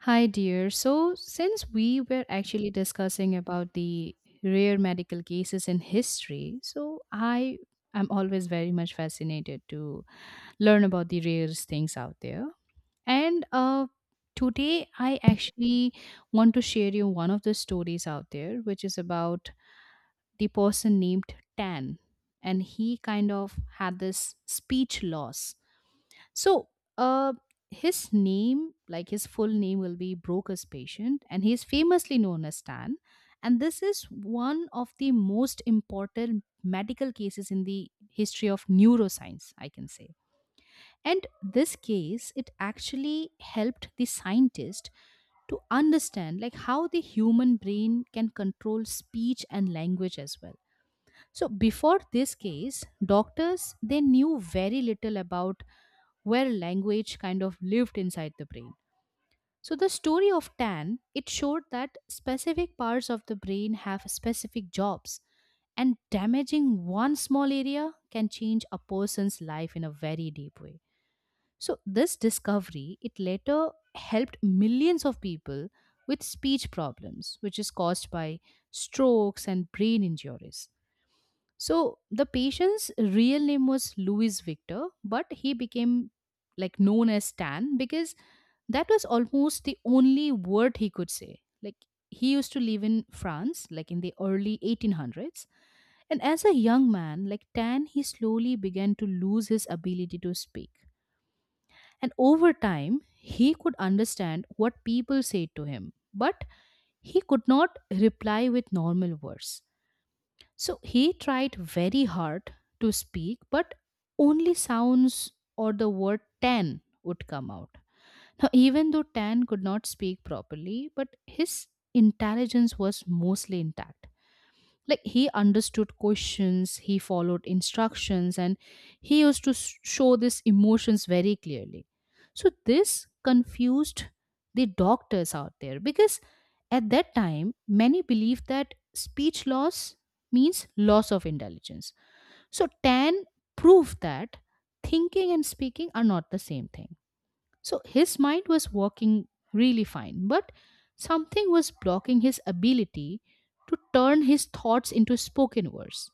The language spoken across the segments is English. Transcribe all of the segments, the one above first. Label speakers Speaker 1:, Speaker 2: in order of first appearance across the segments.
Speaker 1: Hi, dear. So, since we were actually discussing about the rare medical cases in history, so I am always very much fascinated to learn about the rarest things out there. And Today, I actually want to share you one of the stories out there, which is about the person named Tan. And he kind of had this speech loss so, uh, his name, like his full name, will be Broca's patient, and he is famously known as Stan. And this is one of the most important medical cases in the history of neuroscience, I can say. And this case, it actually helped the scientist to understand like how the human brain can control speech and language as well. So before this case, doctors they knew very little about where language kind of lived inside the brain. So the story of Tan, it showed that specific parts of the brain have specific jobs and damaging one small area can change a person's life in a very deep way. So this discovery, it later helped millions of people with speech problems, which is caused by strokes and brain injuries. So the patient's real name was Louis Victor, but he became like known as Stan because that was almost the only word he could say. Like he used to live in France, like in the early 1800s. And as a young man, like Tan, he slowly began to lose his ability to speak. And over time, he could understand what people said to him, but he could not reply with normal words so he tried very hard to speak, but only sounds or the word tan would come out. Now, even though Tan could not speak properly, but his intelligence was mostly intact, like he understood questions, he followed instructions, and he used to show these emotions very clearly. So this confused the doctors out there because at that time many believed that speech loss means loss of intelligence. So Tan proved that thinking and speaking are not the same thing. So his mind was working really fine, but something was blocking his ability to turn his thoughts into spoken words.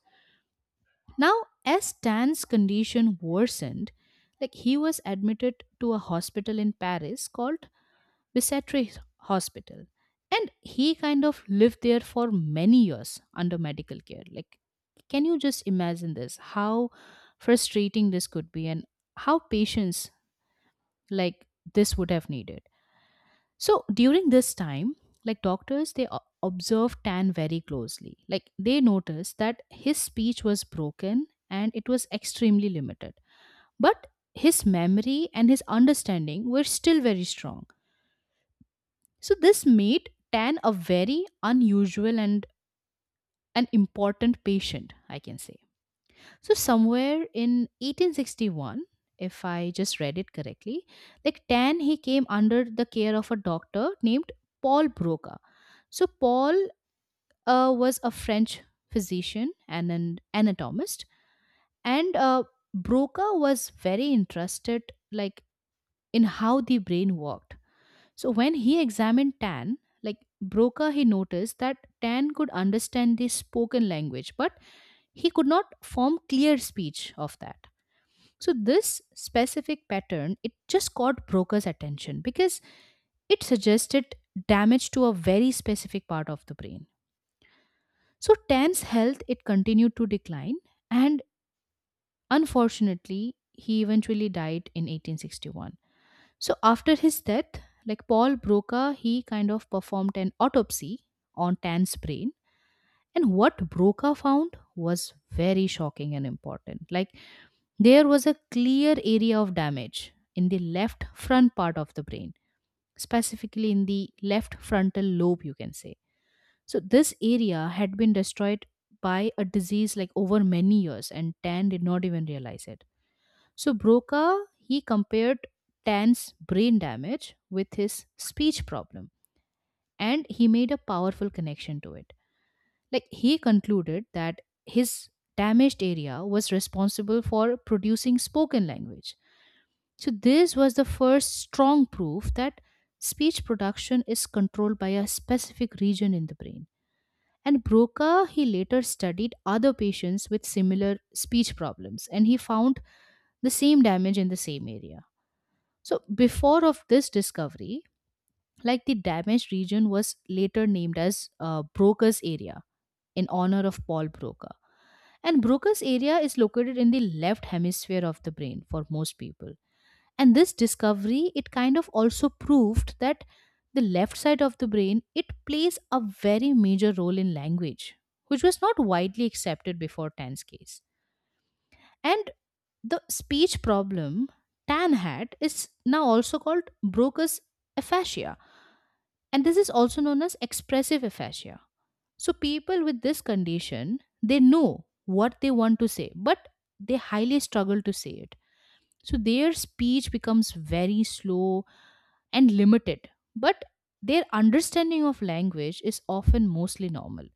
Speaker 1: Now, as Stan's condition worsened, like he was admitted to a hospital in Paris called Bicetre Hospital. And he kind of lived there for many years under medical care. Like, can you just imagine this? How frustrating this could be, and how patience like this would have needed. So during this time, like doctors, they observed Tan very closely. Like they noticed that his speech was broken and it was extremely limited. But his memory and his understanding were still very strong. So this made Tan a very unusual and an important patient, I can say. So somewhere in 1861, if I just read it correctly, like Tan, he came under the care of a doctor named Paul Broca. So Paul was a French physician and an anatomist, and Broca was very interested, like in how the brain worked. So when he examined Tan, like Broca, he noticed that Tan could understand the spoken language, but he could not form clear speech of that. So this specific pattern it just caught brokers' attention because it suggested damage to a very specific part of the brain. So Tan's health it continued to decline and unfortunately he eventually died in 1861. So after his death, like Paul Broca, he kind of performed an autopsy on Tan's brain, and what Broca found was very shocking and important. Like, there was a clear area of damage in the left front part of the brain, specifically in the left frontal lobe, you can say. So, this area had been destroyed by a disease like over many years, and Tan did not even realize it. So, Broca he compared Tan's brain damage with his speech problem, and he made a powerful connection to it. Like, he concluded that his damaged area was responsible for producing spoken language. So, this was the first strong proof that speech production is controlled by a specific region in the brain. And Broca, he later studied other patients with similar speech problems and he found the same damage in the same area. So, before of this discovery, like the damaged region was later named as Broca's area in honor of Paul Broca. And Broca's area is located in the left hemisphere of the brain for most people. And this discovery it kind of also proved that the left side of the brain it plays a very major role in language, which was not widely accepted before Tan's case. And the speech problem Tan had is now also called Broca's aphasia, and this is also known as expressive aphasia. So people with this condition they know what they want to say, but they highly struggle to say it. So their speech becomes very slow and limited, but their understanding of language is often mostly normal.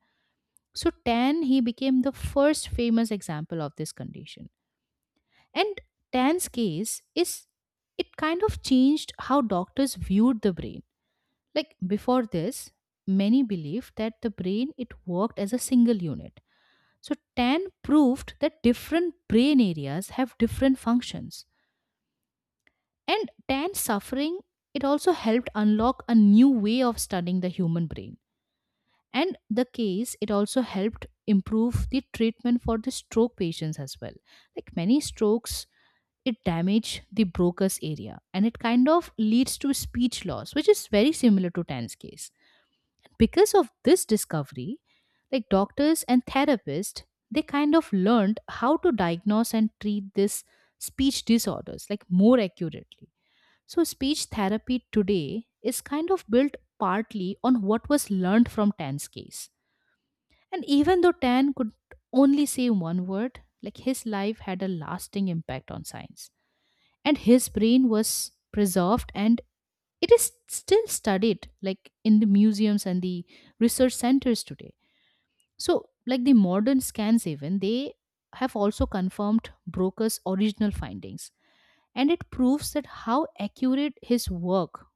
Speaker 1: So Tan he became the first famous example of this condition. And Tan's case is, it kind of changed how doctors viewed the brain. Like before this, many believed that the brain it worked as a single unit. So Tan proved that different brain areas have different functions. And Tan's suffering it also helped unlock a new way of studying the human brain. And the case it also helped improve the treatment for the stroke patients as well. Like many strokes it damage the Broca's area and it kind of leads to speech loss which is very similar to Tan's case. Because of this discovery, like doctors and therapists, they kind of learned how to diagnose and treat this speech disorders like more accurately. So speech therapy today is kind of built partly on what was learned from Tan's case. And even though Tan could only say one word, like his life had a lasting impact on science. And his brain was preserved and it is still studied like in the museums and the research centers today. So like the modern scans even they have also confirmed Broca's original findings and it proves that how accurate his work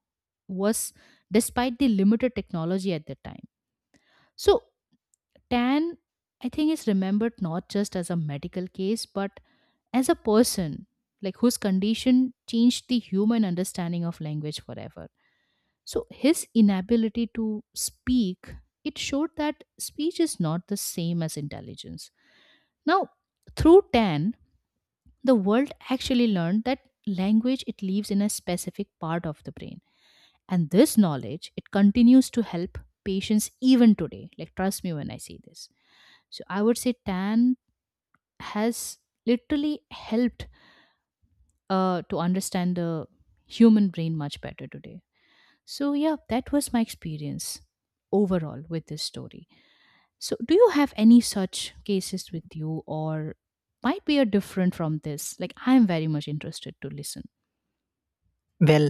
Speaker 1: was despite the limited technology at that time. So Tan, I think, is remembered not just as a medical case, but as a person, like whose condition changed the human understanding of language forever. So his inability to speak, it showed that speech is not the same as intelligence. Now, through Tan, the world actually learned that language it lives in a specific part of the brain. And this knowledge, it continues to help patients even today. Like trust me when I say this. So I would say Tan has literally helped to understand the human brain much better today. So, yeah, that was my experience overall with this story. So, do you have any such cases with you, or might be a different from this? Like, I am very much interested to listen.
Speaker 2: Well,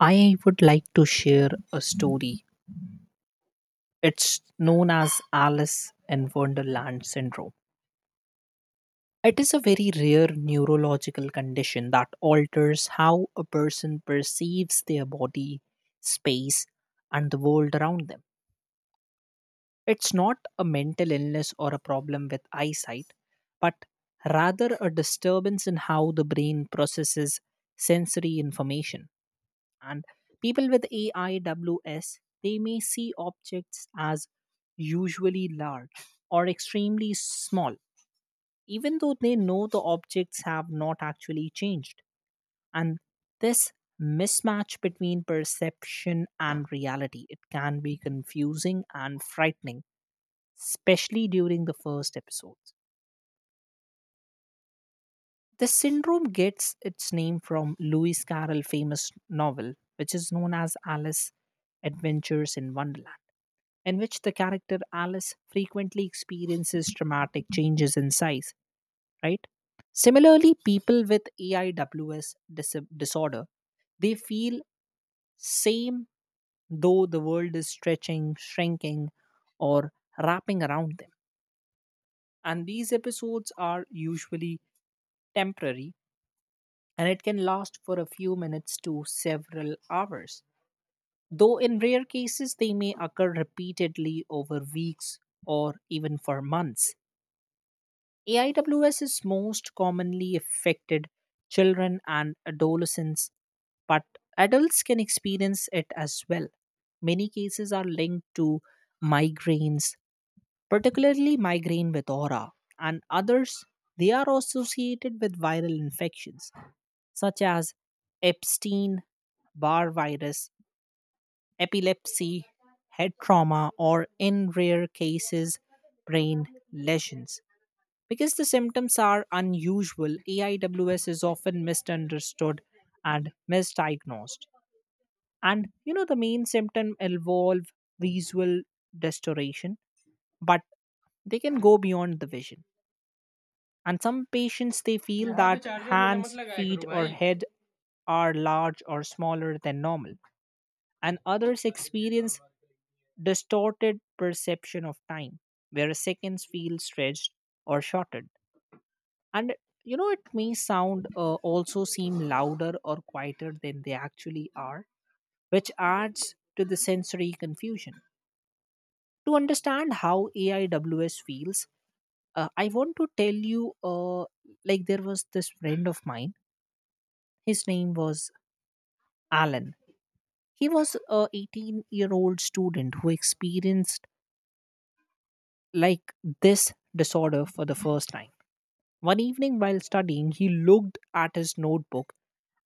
Speaker 2: I would like to share a story. It's known as Alice in Wonderland syndrome. It is a very rare neurological condition that alters how a person perceives their body, space, and the world around them. It's not a mental illness or a problem with eyesight, but rather a disturbance in how the brain processes sensory information. And people with AIWS, they may see objects as usually large or extremely small, even though they know the objects have not actually changed. And this mismatch between perception and reality it can be confusing and frightening, especially during the first episodes. The syndrome gets its name from Lewis Carroll's famous novel, which is known as Alice Adventures in Wonderland, in which the character Alice frequently experiences dramatic changes in size, right? Similarly, people with AIWS disorder, they feel same though the world is stretching, shrinking, or wrapping around them. And these episodes are usually temporary and it can last for a few minutes to several hours. Though in rare cases, they may occur repeatedly over weeks or even for months. AIWS is most commonly affected children and adolescents, but adults can experience it as well. Many cases are linked to migraines, particularly migraine with aura, and others they are associated with viral infections such as Epstein Barr virus, epilepsy, head trauma, or in rare cases, brain lesions. Because the symptoms are unusual, AIWS is often misunderstood and misdiagnosed. And you know, the main symptom involve visual distortion, but they can go beyond the vision. And some patients they feel, yeah, that hands, feet, or head are large or smaller than normal. And others experience distorted perception of time where seconds feel stretched or shortened, and you know it may sound also seem louder or quieter than they actually are, which adds to the sensory confusion. To understand how AIWS feels, I want to tell you, like there was this friend of mine. His name was Alan. He was a 18-year-old student who experienced like this disorder for the first time. One evening while studying, he looked at his notebook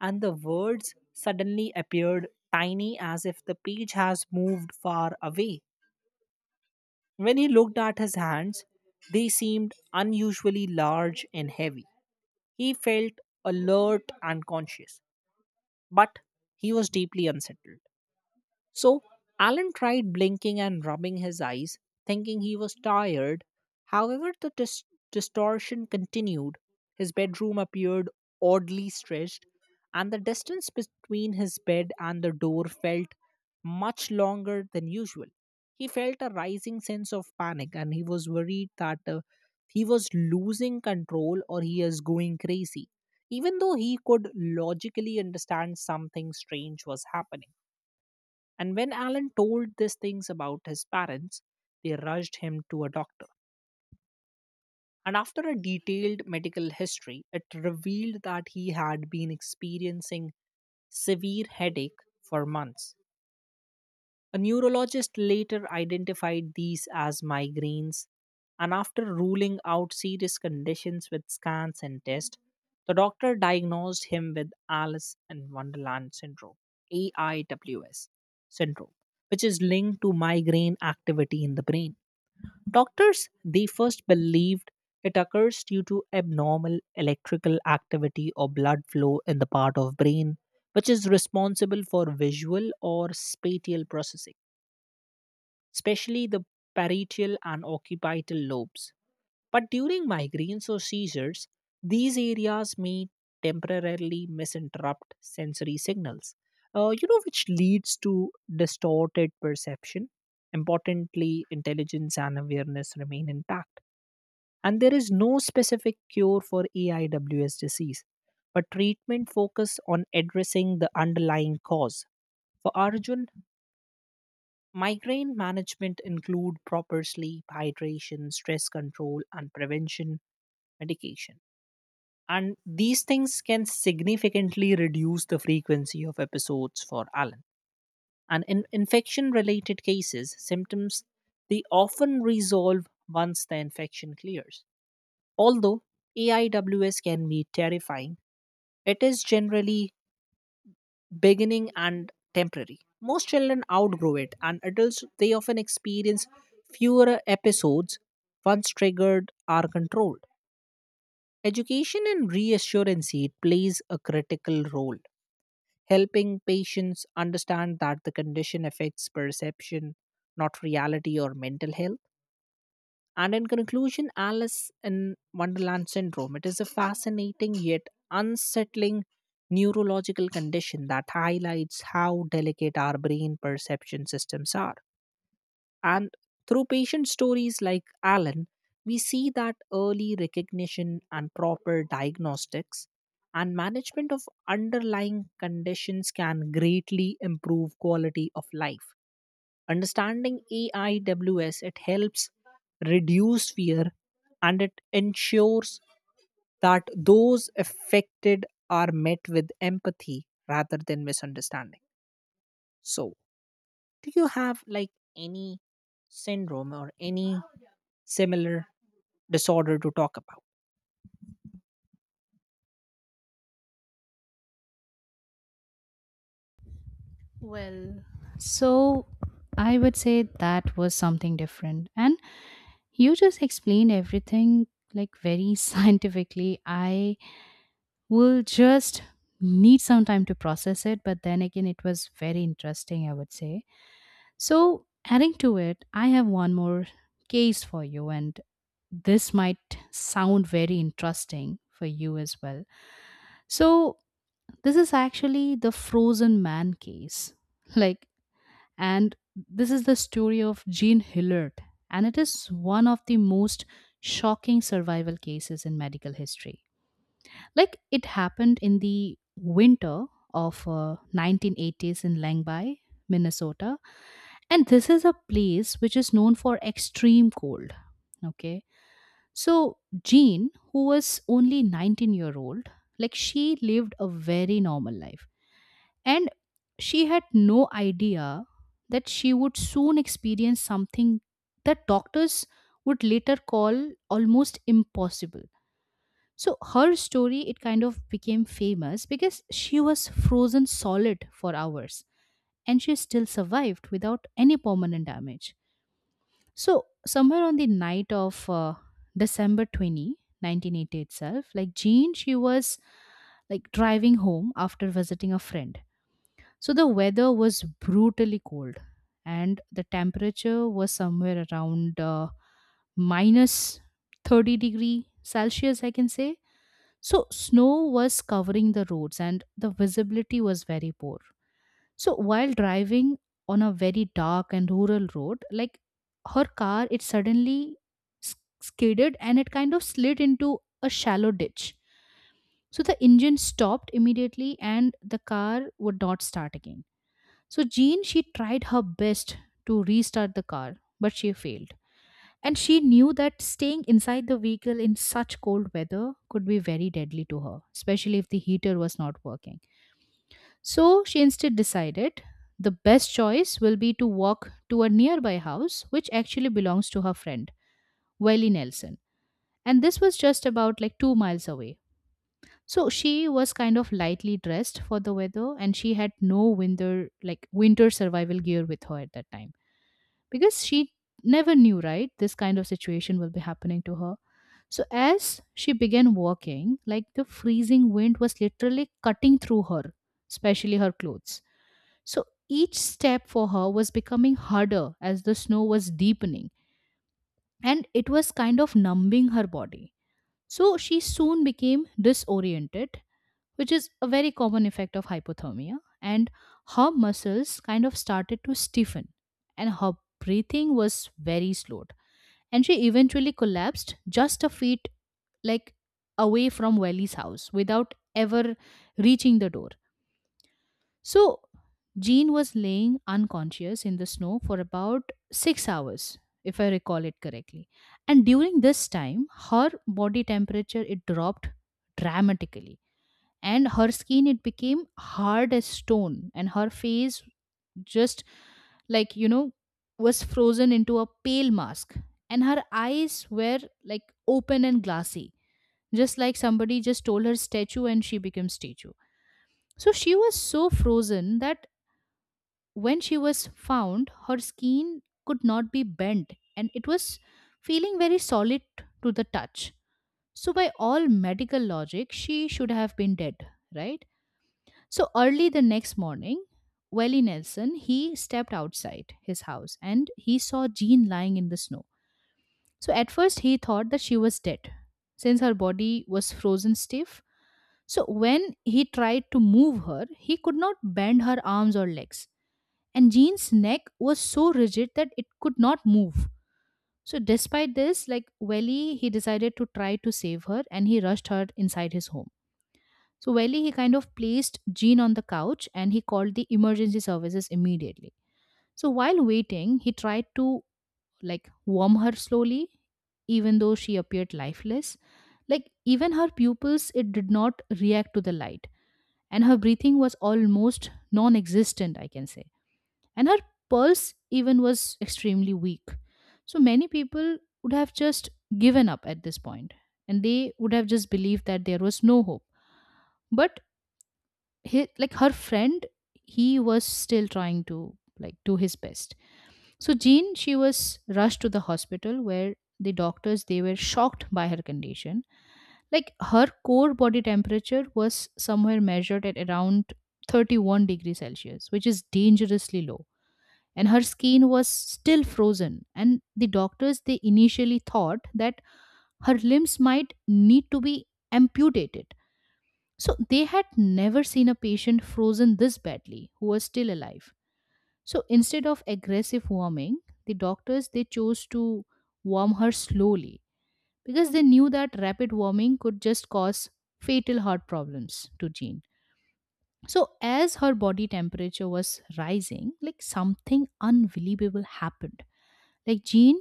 Speaker 2: and the words suddenly appeared tiny as if the page has moved far away. When he looked at his hands, they seemed unusually large and heavy. He felt alert and conscious, but he was deeply unsettled. So Alan tried blinking and rubbing his eyes, thinking he was tired. However, the distortion continued. His bedroom appeared oddly stretched, and the distance between his bed and the door felt much longer than usual. He felt a rising sense of panic, and he was worried that he was losing control or he is going crazy, even though he could logically understand something strange was happening. And when Alan told these things about his parents, they rushed him to a doctor. And after a detailed medical history, it revealed that he had been experiencing severe headache for months. A neurologist later identified these as migraines, and after ruling out serious conditions with scans and tests, the doctor diagnosed him with Alice in Wonderland syndrome, AIWS syndrome, which is linked to migraine activity in the brain. Doctors, they first believed it occurs due to abnormal electrical activity or blood flow in the part of brain which is responsible for visual or spatial processing, especially the parietal and occipital lobes. But during migraines or seizures, these areas may temporarily misinterrupt sensory signals, which leads to distorted perception. Importantly, intelligence and awareness remain intact. And there is no specific cure for AIWS disease, but treatment focus on addressing the underlying cause. For Arjun, migraine management include proper sleep, hydration, stress control and prevention medication. And these things can significantly reduce the frequency of episodes for Alan. And in infection related cases, symptoms they often resolve once the infection clears. Although AIWS can be terrifying, it is generally beginning and temporary. Most children outgrow it, and adults they often experience fewer episodes once triggered are controlled. Education and reassurance it plays a critical role, helping patients understand that the condition affects perception, not reality or mental health. And in conclusion, Alice in Wonderland syndrome, it is a fascinating yet unsettling neurological condition that highlights how delicate our brain perception systems are. And through patient stories like Alan, we see that early recognition and proper diagnostics and management of underlying conditions can greatly improve quality of life. Understanding AIWS it helps reduce fear and it ensures that those affected are met with empathy rather than misunderstanding. So, do you have like any syndrome or any similar disorder to talk about?
Speaker 1: Well, so I would say that was something different. And you just explained everything like very scientifically. I will just need some time to process it. But then again, it was very interesting, I would say. So, adding to it, I have one more case for you, and this might sound very interesting for you as well. So, this is actually the frozen man case. Like, and this is the story of Jean Hillard, and it is one of the most shocking survival cases in medical history. Like it happened in the winter of 1980s in Langby, Minnesota, and this is a place which is known for extreme cold, okay? So Jean, who was only 19-year-old, like she lived a very normal life and she had no idea that she would soon experience something that doctors would later call almost impossible. So her story, it kind of became famous because she was frozen solid for hours and she still survived without any permanent damage. So, somewhere on the night of December 20, 1980 itself, like Jean, she was like driving home after visiting a friend. So, the weather was brutally cold and the temperature was somewhere around minus 30 degree Celsius, I can say. So, snow was covering the roads and the visibility was very poor. So, while driving on a very dark and rural road, like her car, it suddenly s- skidded and it kind of slid into a shallow ditch. So, the engine stopped immediately and the car would not start again. So, Jean, she tried her best to restart the car, but she failed. And she knew that staying inside the vehicle in such cold weather could be very deadly to her, especially if the heater was not working. So she instead decided the best choice will be to walk to a nearby house, which actually belongs to her friend, Welly Nelson. And this was just about like 2 miles away. So she was kind of lightly dressed for the weather, and she had no winter winter survival gear with her at that time because she never knew, right, this kind of situation will be happening to her. So as she began walking, like the freezing wind was literally cutting through her, especially her clothes. So each step for her was becoming harder as the snow was deepening, and it was kind of numbing her body. So she soon became disoriented, which is a very common effect of hypothermia, and her muscles kind of started to stiffen and her breathing was very slowed, and she eventually collapsed just a feet, like, away from Wally's house without ever reaching the door. So Jean was laying unconscious in the snow for about 6 hours, if I recall it correctly. And during this time her body temperature, it dropped dramatically, and her skin, it became hard as stone, and her face just, like, was frozen into a pale mask. And her eyes were, like, open and glassy, just like somebody just told her statue and she became statue. So she was so frozen that when she was found, her skin could not be bent, and it was feeling very solid to the touch. So by all medical logic she should have been dead, right? So early the next morning, Welly Nelson, he stepped outside his house and he saw Jean lying in the snow. So at first he thought that she was dead since her body was frozen stiff. So when he tried to move her, he could not bend her arms or legs. And Jean's neck was so rigid that it could not move. So despite this, like, Welly, he decided to try to save her, and he rushed her inside his home. So Welly, he kind of placed Jean on the couch and he called the emergency services immediately. So while waiting, he tried to, like, warm her slowly, even though she appeared lifeless. Like, even her pupils, it did not react to the light, and her breathing was almost non-existent, I can say. And her pulse even was extremely weak. So many people would have just given up at this point, and they would have just believed that there was no hope. But hi, like, her friend, he was still trying to, like, do his best. So Jean, she was rushed to the hospital, where the doctors, they were shocked by her condition. Like, her core body temperature was somewhere measured at around 31 degrees celsius, which is dangerously low, and her skin was still frozen. And the doctors, they initially thought that her limbs might need to be amputated, so they had never seen a patient frozen this badly who was still alive. So instead of aggressive warming, the doctors, they chose to warm her slowly, because they knew that rapid warming could just cause fatal heart problems to Jean. So as her body temperature was rising, like, something unbelievable happened. Like, Jean,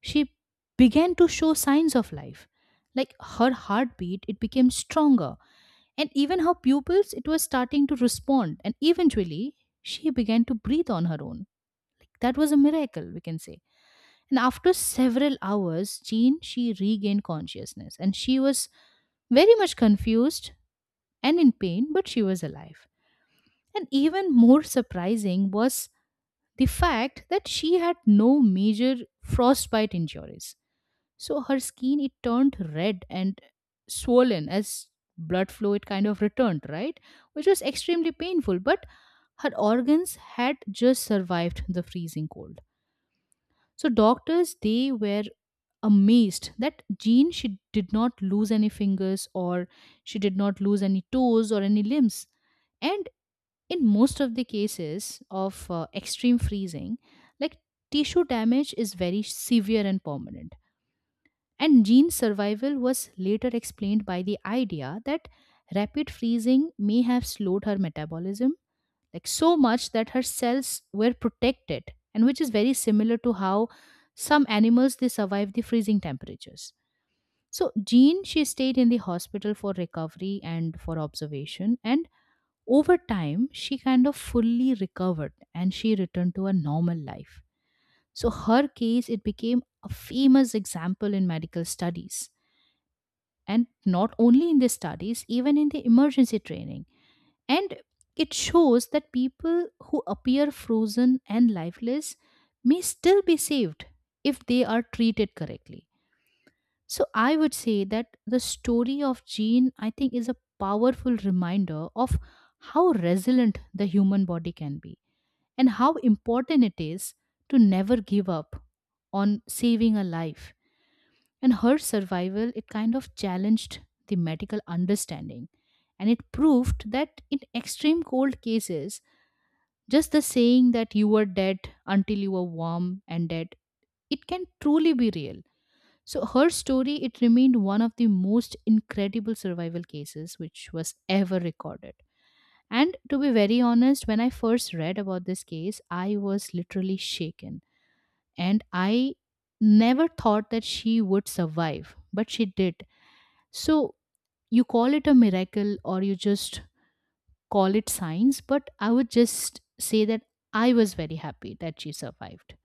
Speaker 1: she began to show signs of life. Like, her heartbeat, it became stronger, and even her pupils, it was starting to respond, and eventually she began to breathe on her own. Like, that was a miracle, we can say. And after several hours, Jean, she regained consciousness, and she was very much confused and in pain, but she was alive. And even more surprising was the fact that she had no major frostbite injuries. So her skin, it turned red and swollen as blood flow, it kind of returned, right? Which was extremely painful, but her organs had just survived the freezing cold. So doctors, they were amazed that Jean, she did not lose any fingers, or she did not lose any toes, or any limbs. And in most of the cases of extreme freezing, like, tissue damage is very severe and permanent. And Jean's survival was later explained by the idea that rapid freezing may have slowed her metabolism, like, so much that her cells were protected, and which is very similar to how some animals, they survive the freezing temperatures. So Jean, she stayed in the hospital for recovery and for observation, and over time she kind of fully recovered and she returned to a normal life. So her case, it became a famous example in medical studies, and not only in the studies, even in the emergency training. And it shows that people who appear frozen and lifeless may still be saved if they are treated correctly. So I would say that the story of Jean, I think, is a powerful reminder of how resilient the human body can be, and how important it is to never give up on saving a life. And her survival, it kind of challenged the medical understanding, and it proved that in extreme cold cases, just the saying that you were dead until you were warm and dead, it can truly be real. So her story, it remained one of the most incredible survival cases which was ever recorded. And to be very honest, when I first read about this case, I was literally shaken, and I never thought that she would survive, but she did. So you call it a miracle, or you just call it science, but I would just say that I was very happy that she survived.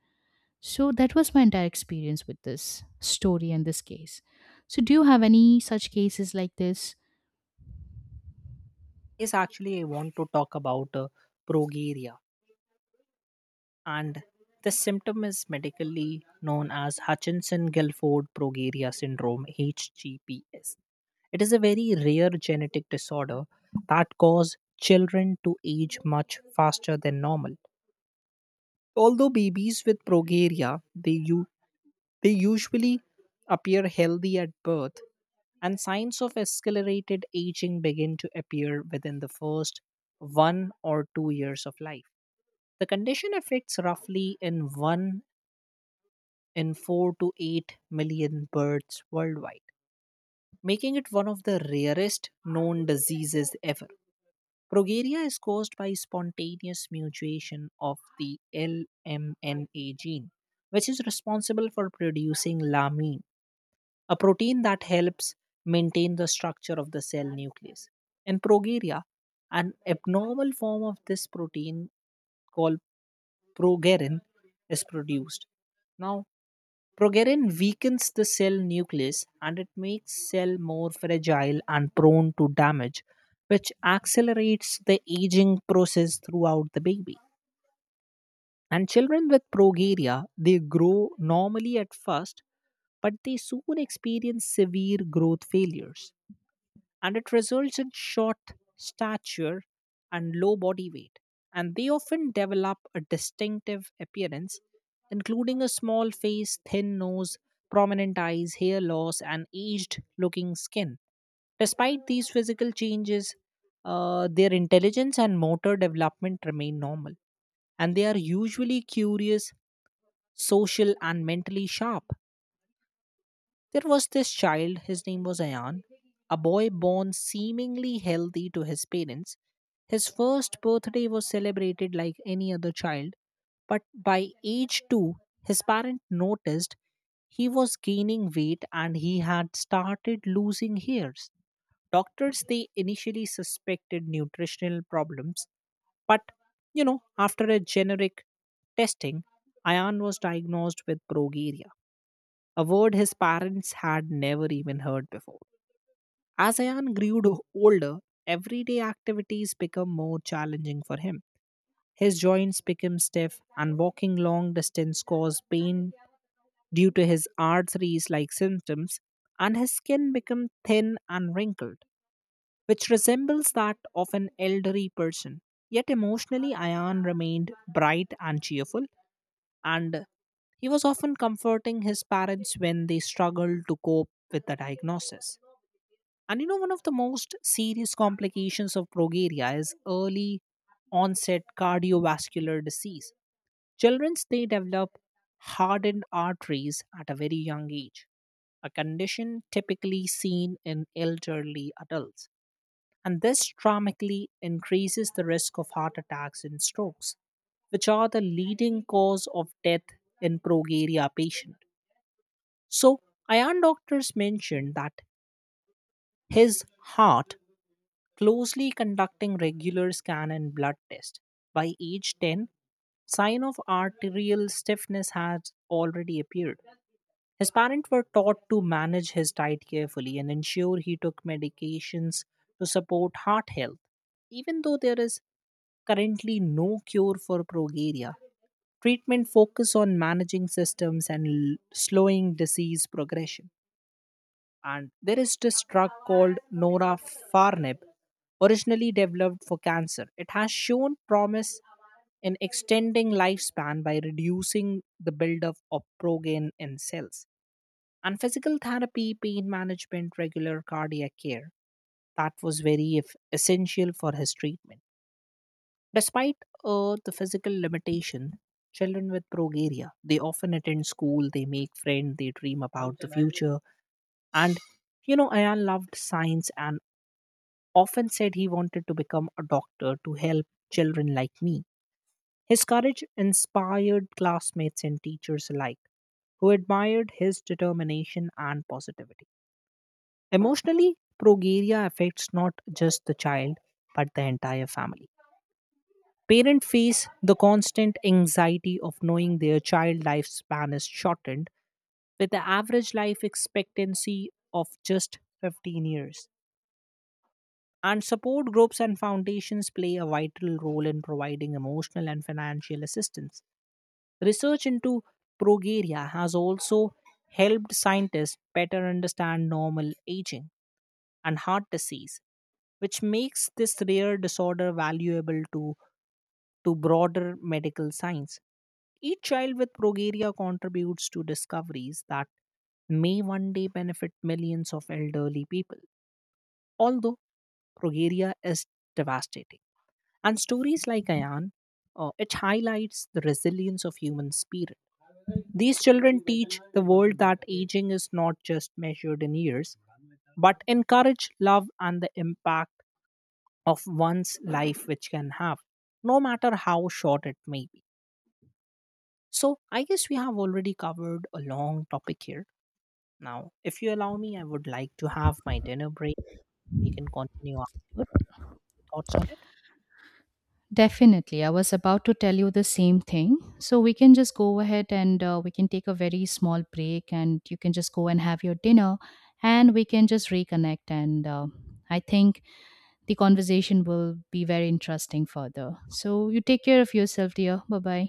Speaker 1: So that was my entire experience with this story and this case. So do you have any such cases like this?
Speaker 2: Yes, actually, I want to talk about progeria, and this symptom is medically known as Hutchinson-Gilford progeria syndrome (HGPS). It is a very rare genetic disorder that causes children to age much faster than normal. Although babies with progeria they usually appear healthy at birth, and signs of accelerated aging begin to appear within the first 1 or 2 years of life. The condition affects roughly in 1 in 4 to 8 million birds worldwide, making it one of the rarest known diseases ever. Progeria is caused by spontaneous mutation of the LMNA gene, which is responsible for producing lamin, a protein that helps maintain the structure of the cell nucleus. In progeria, an abnormal form of this protein called progerin is produced. Now, progerin weakens the cell nucleus and it makes cell more fragile and prone to damage, which accelerates the aging process throughout the baby. And children with progeria, they grow normally at first, but they soon experience severe growth failures and it results in short stature and low body weight. And they often develop a distinctive appearance, including a small face, thin nose, prominent eyes, hair loss, and aged looking skin. Despite these physical changes, their intelligence and motor development remain normal, and they are usually curious, social, and mentally sharp. There was this child, his name was Ayan, a boy born seemingly healthy to his parents. His first birthday was celebrated like any other child, but by age 2, his parents noticed he was gaining weight and he had started losing hairs. Doctors they initially suspected nutritional problems, but you know, after a generic testing, Ayan was diagnosed with progeria, a word his parents had never even heard before. As Ayan grew older, everyday activities become more challenging for him. His joints became stiff, and walking long distance caused pain due to his arteries like symptoms, and his skin became thin and wrinkled, which resembles that of an elderly person. Yet emotionally, Ayan remained bright and cheerful, and he was often comforting his parents when they struggled to cope with the diagnosis. And you know, one of the most serious complications of progeria is early onset cardiovascular disease. Children they develop hardened arteries at a very young age, a condition typically seen in elderly adults, and this dramatically increases the risk of heart attacks and strokes, which are the leading cause of death in progeria patient. So, iron doctors mentioned that his heart closely conducting regular scan and blood test. By age 10, sign of arterial stiffness has already appeared. His parents were taught to manage his diet carefully and ensure he took medications to support heart health, even though there is currently no cure for progeria. Treatment focus on managing systems and slowing disease progression. And there is this drug called Norafarnib, originally developed for cancer. It has shown promise in extending lifespan by reducing the buildup of progen in cells. And physical therapy, pain management, regular cardiac care, that was very essential for his treatment. Despite the physical limitation, children with progeria, they often attend school, they make friends, they dream about the future. And, you know, Ayan loved science and often said he wanted to become a doctor to help children like me. His courage inspired classmates and teachers alike, who admired his determination and positivity. Emotionally, progeria affects not just the child, but the entire family. Parents face the constant anxiety of knowing their child lifespan is shortened, with the average life expectancy of just 15 years. And support groups and foundations play a vital role in providing emotional and financial assistance. Research into progeria has also helped scientists better understand normal aging and heart disease, which makes this rare disorder valuable to broader medical science. Each child with progeria contributes to discoveries that may one day benefit millions of elderly people. Although progeria is devastating. And stories like Ayan, it highlights the resilience of human spirit. These children teach the world that aging is not just measured in years, but in courage, love, and the impact of one's life which can have, no matter how short it may be. So I guess we have already covered a long topic here. Now, if you allow me, I would like to have my dinner break. We can continue afterwards. Thoughts on it?
Speaker 1: Definitely. I was about to tell you the same thing. So we can just go ahead, and we can take a very small break and you can just go and have your dinner, and we can just reconnect. And I think the conversation will be very interesting further. So you take care of yourself, dear. Bye bye.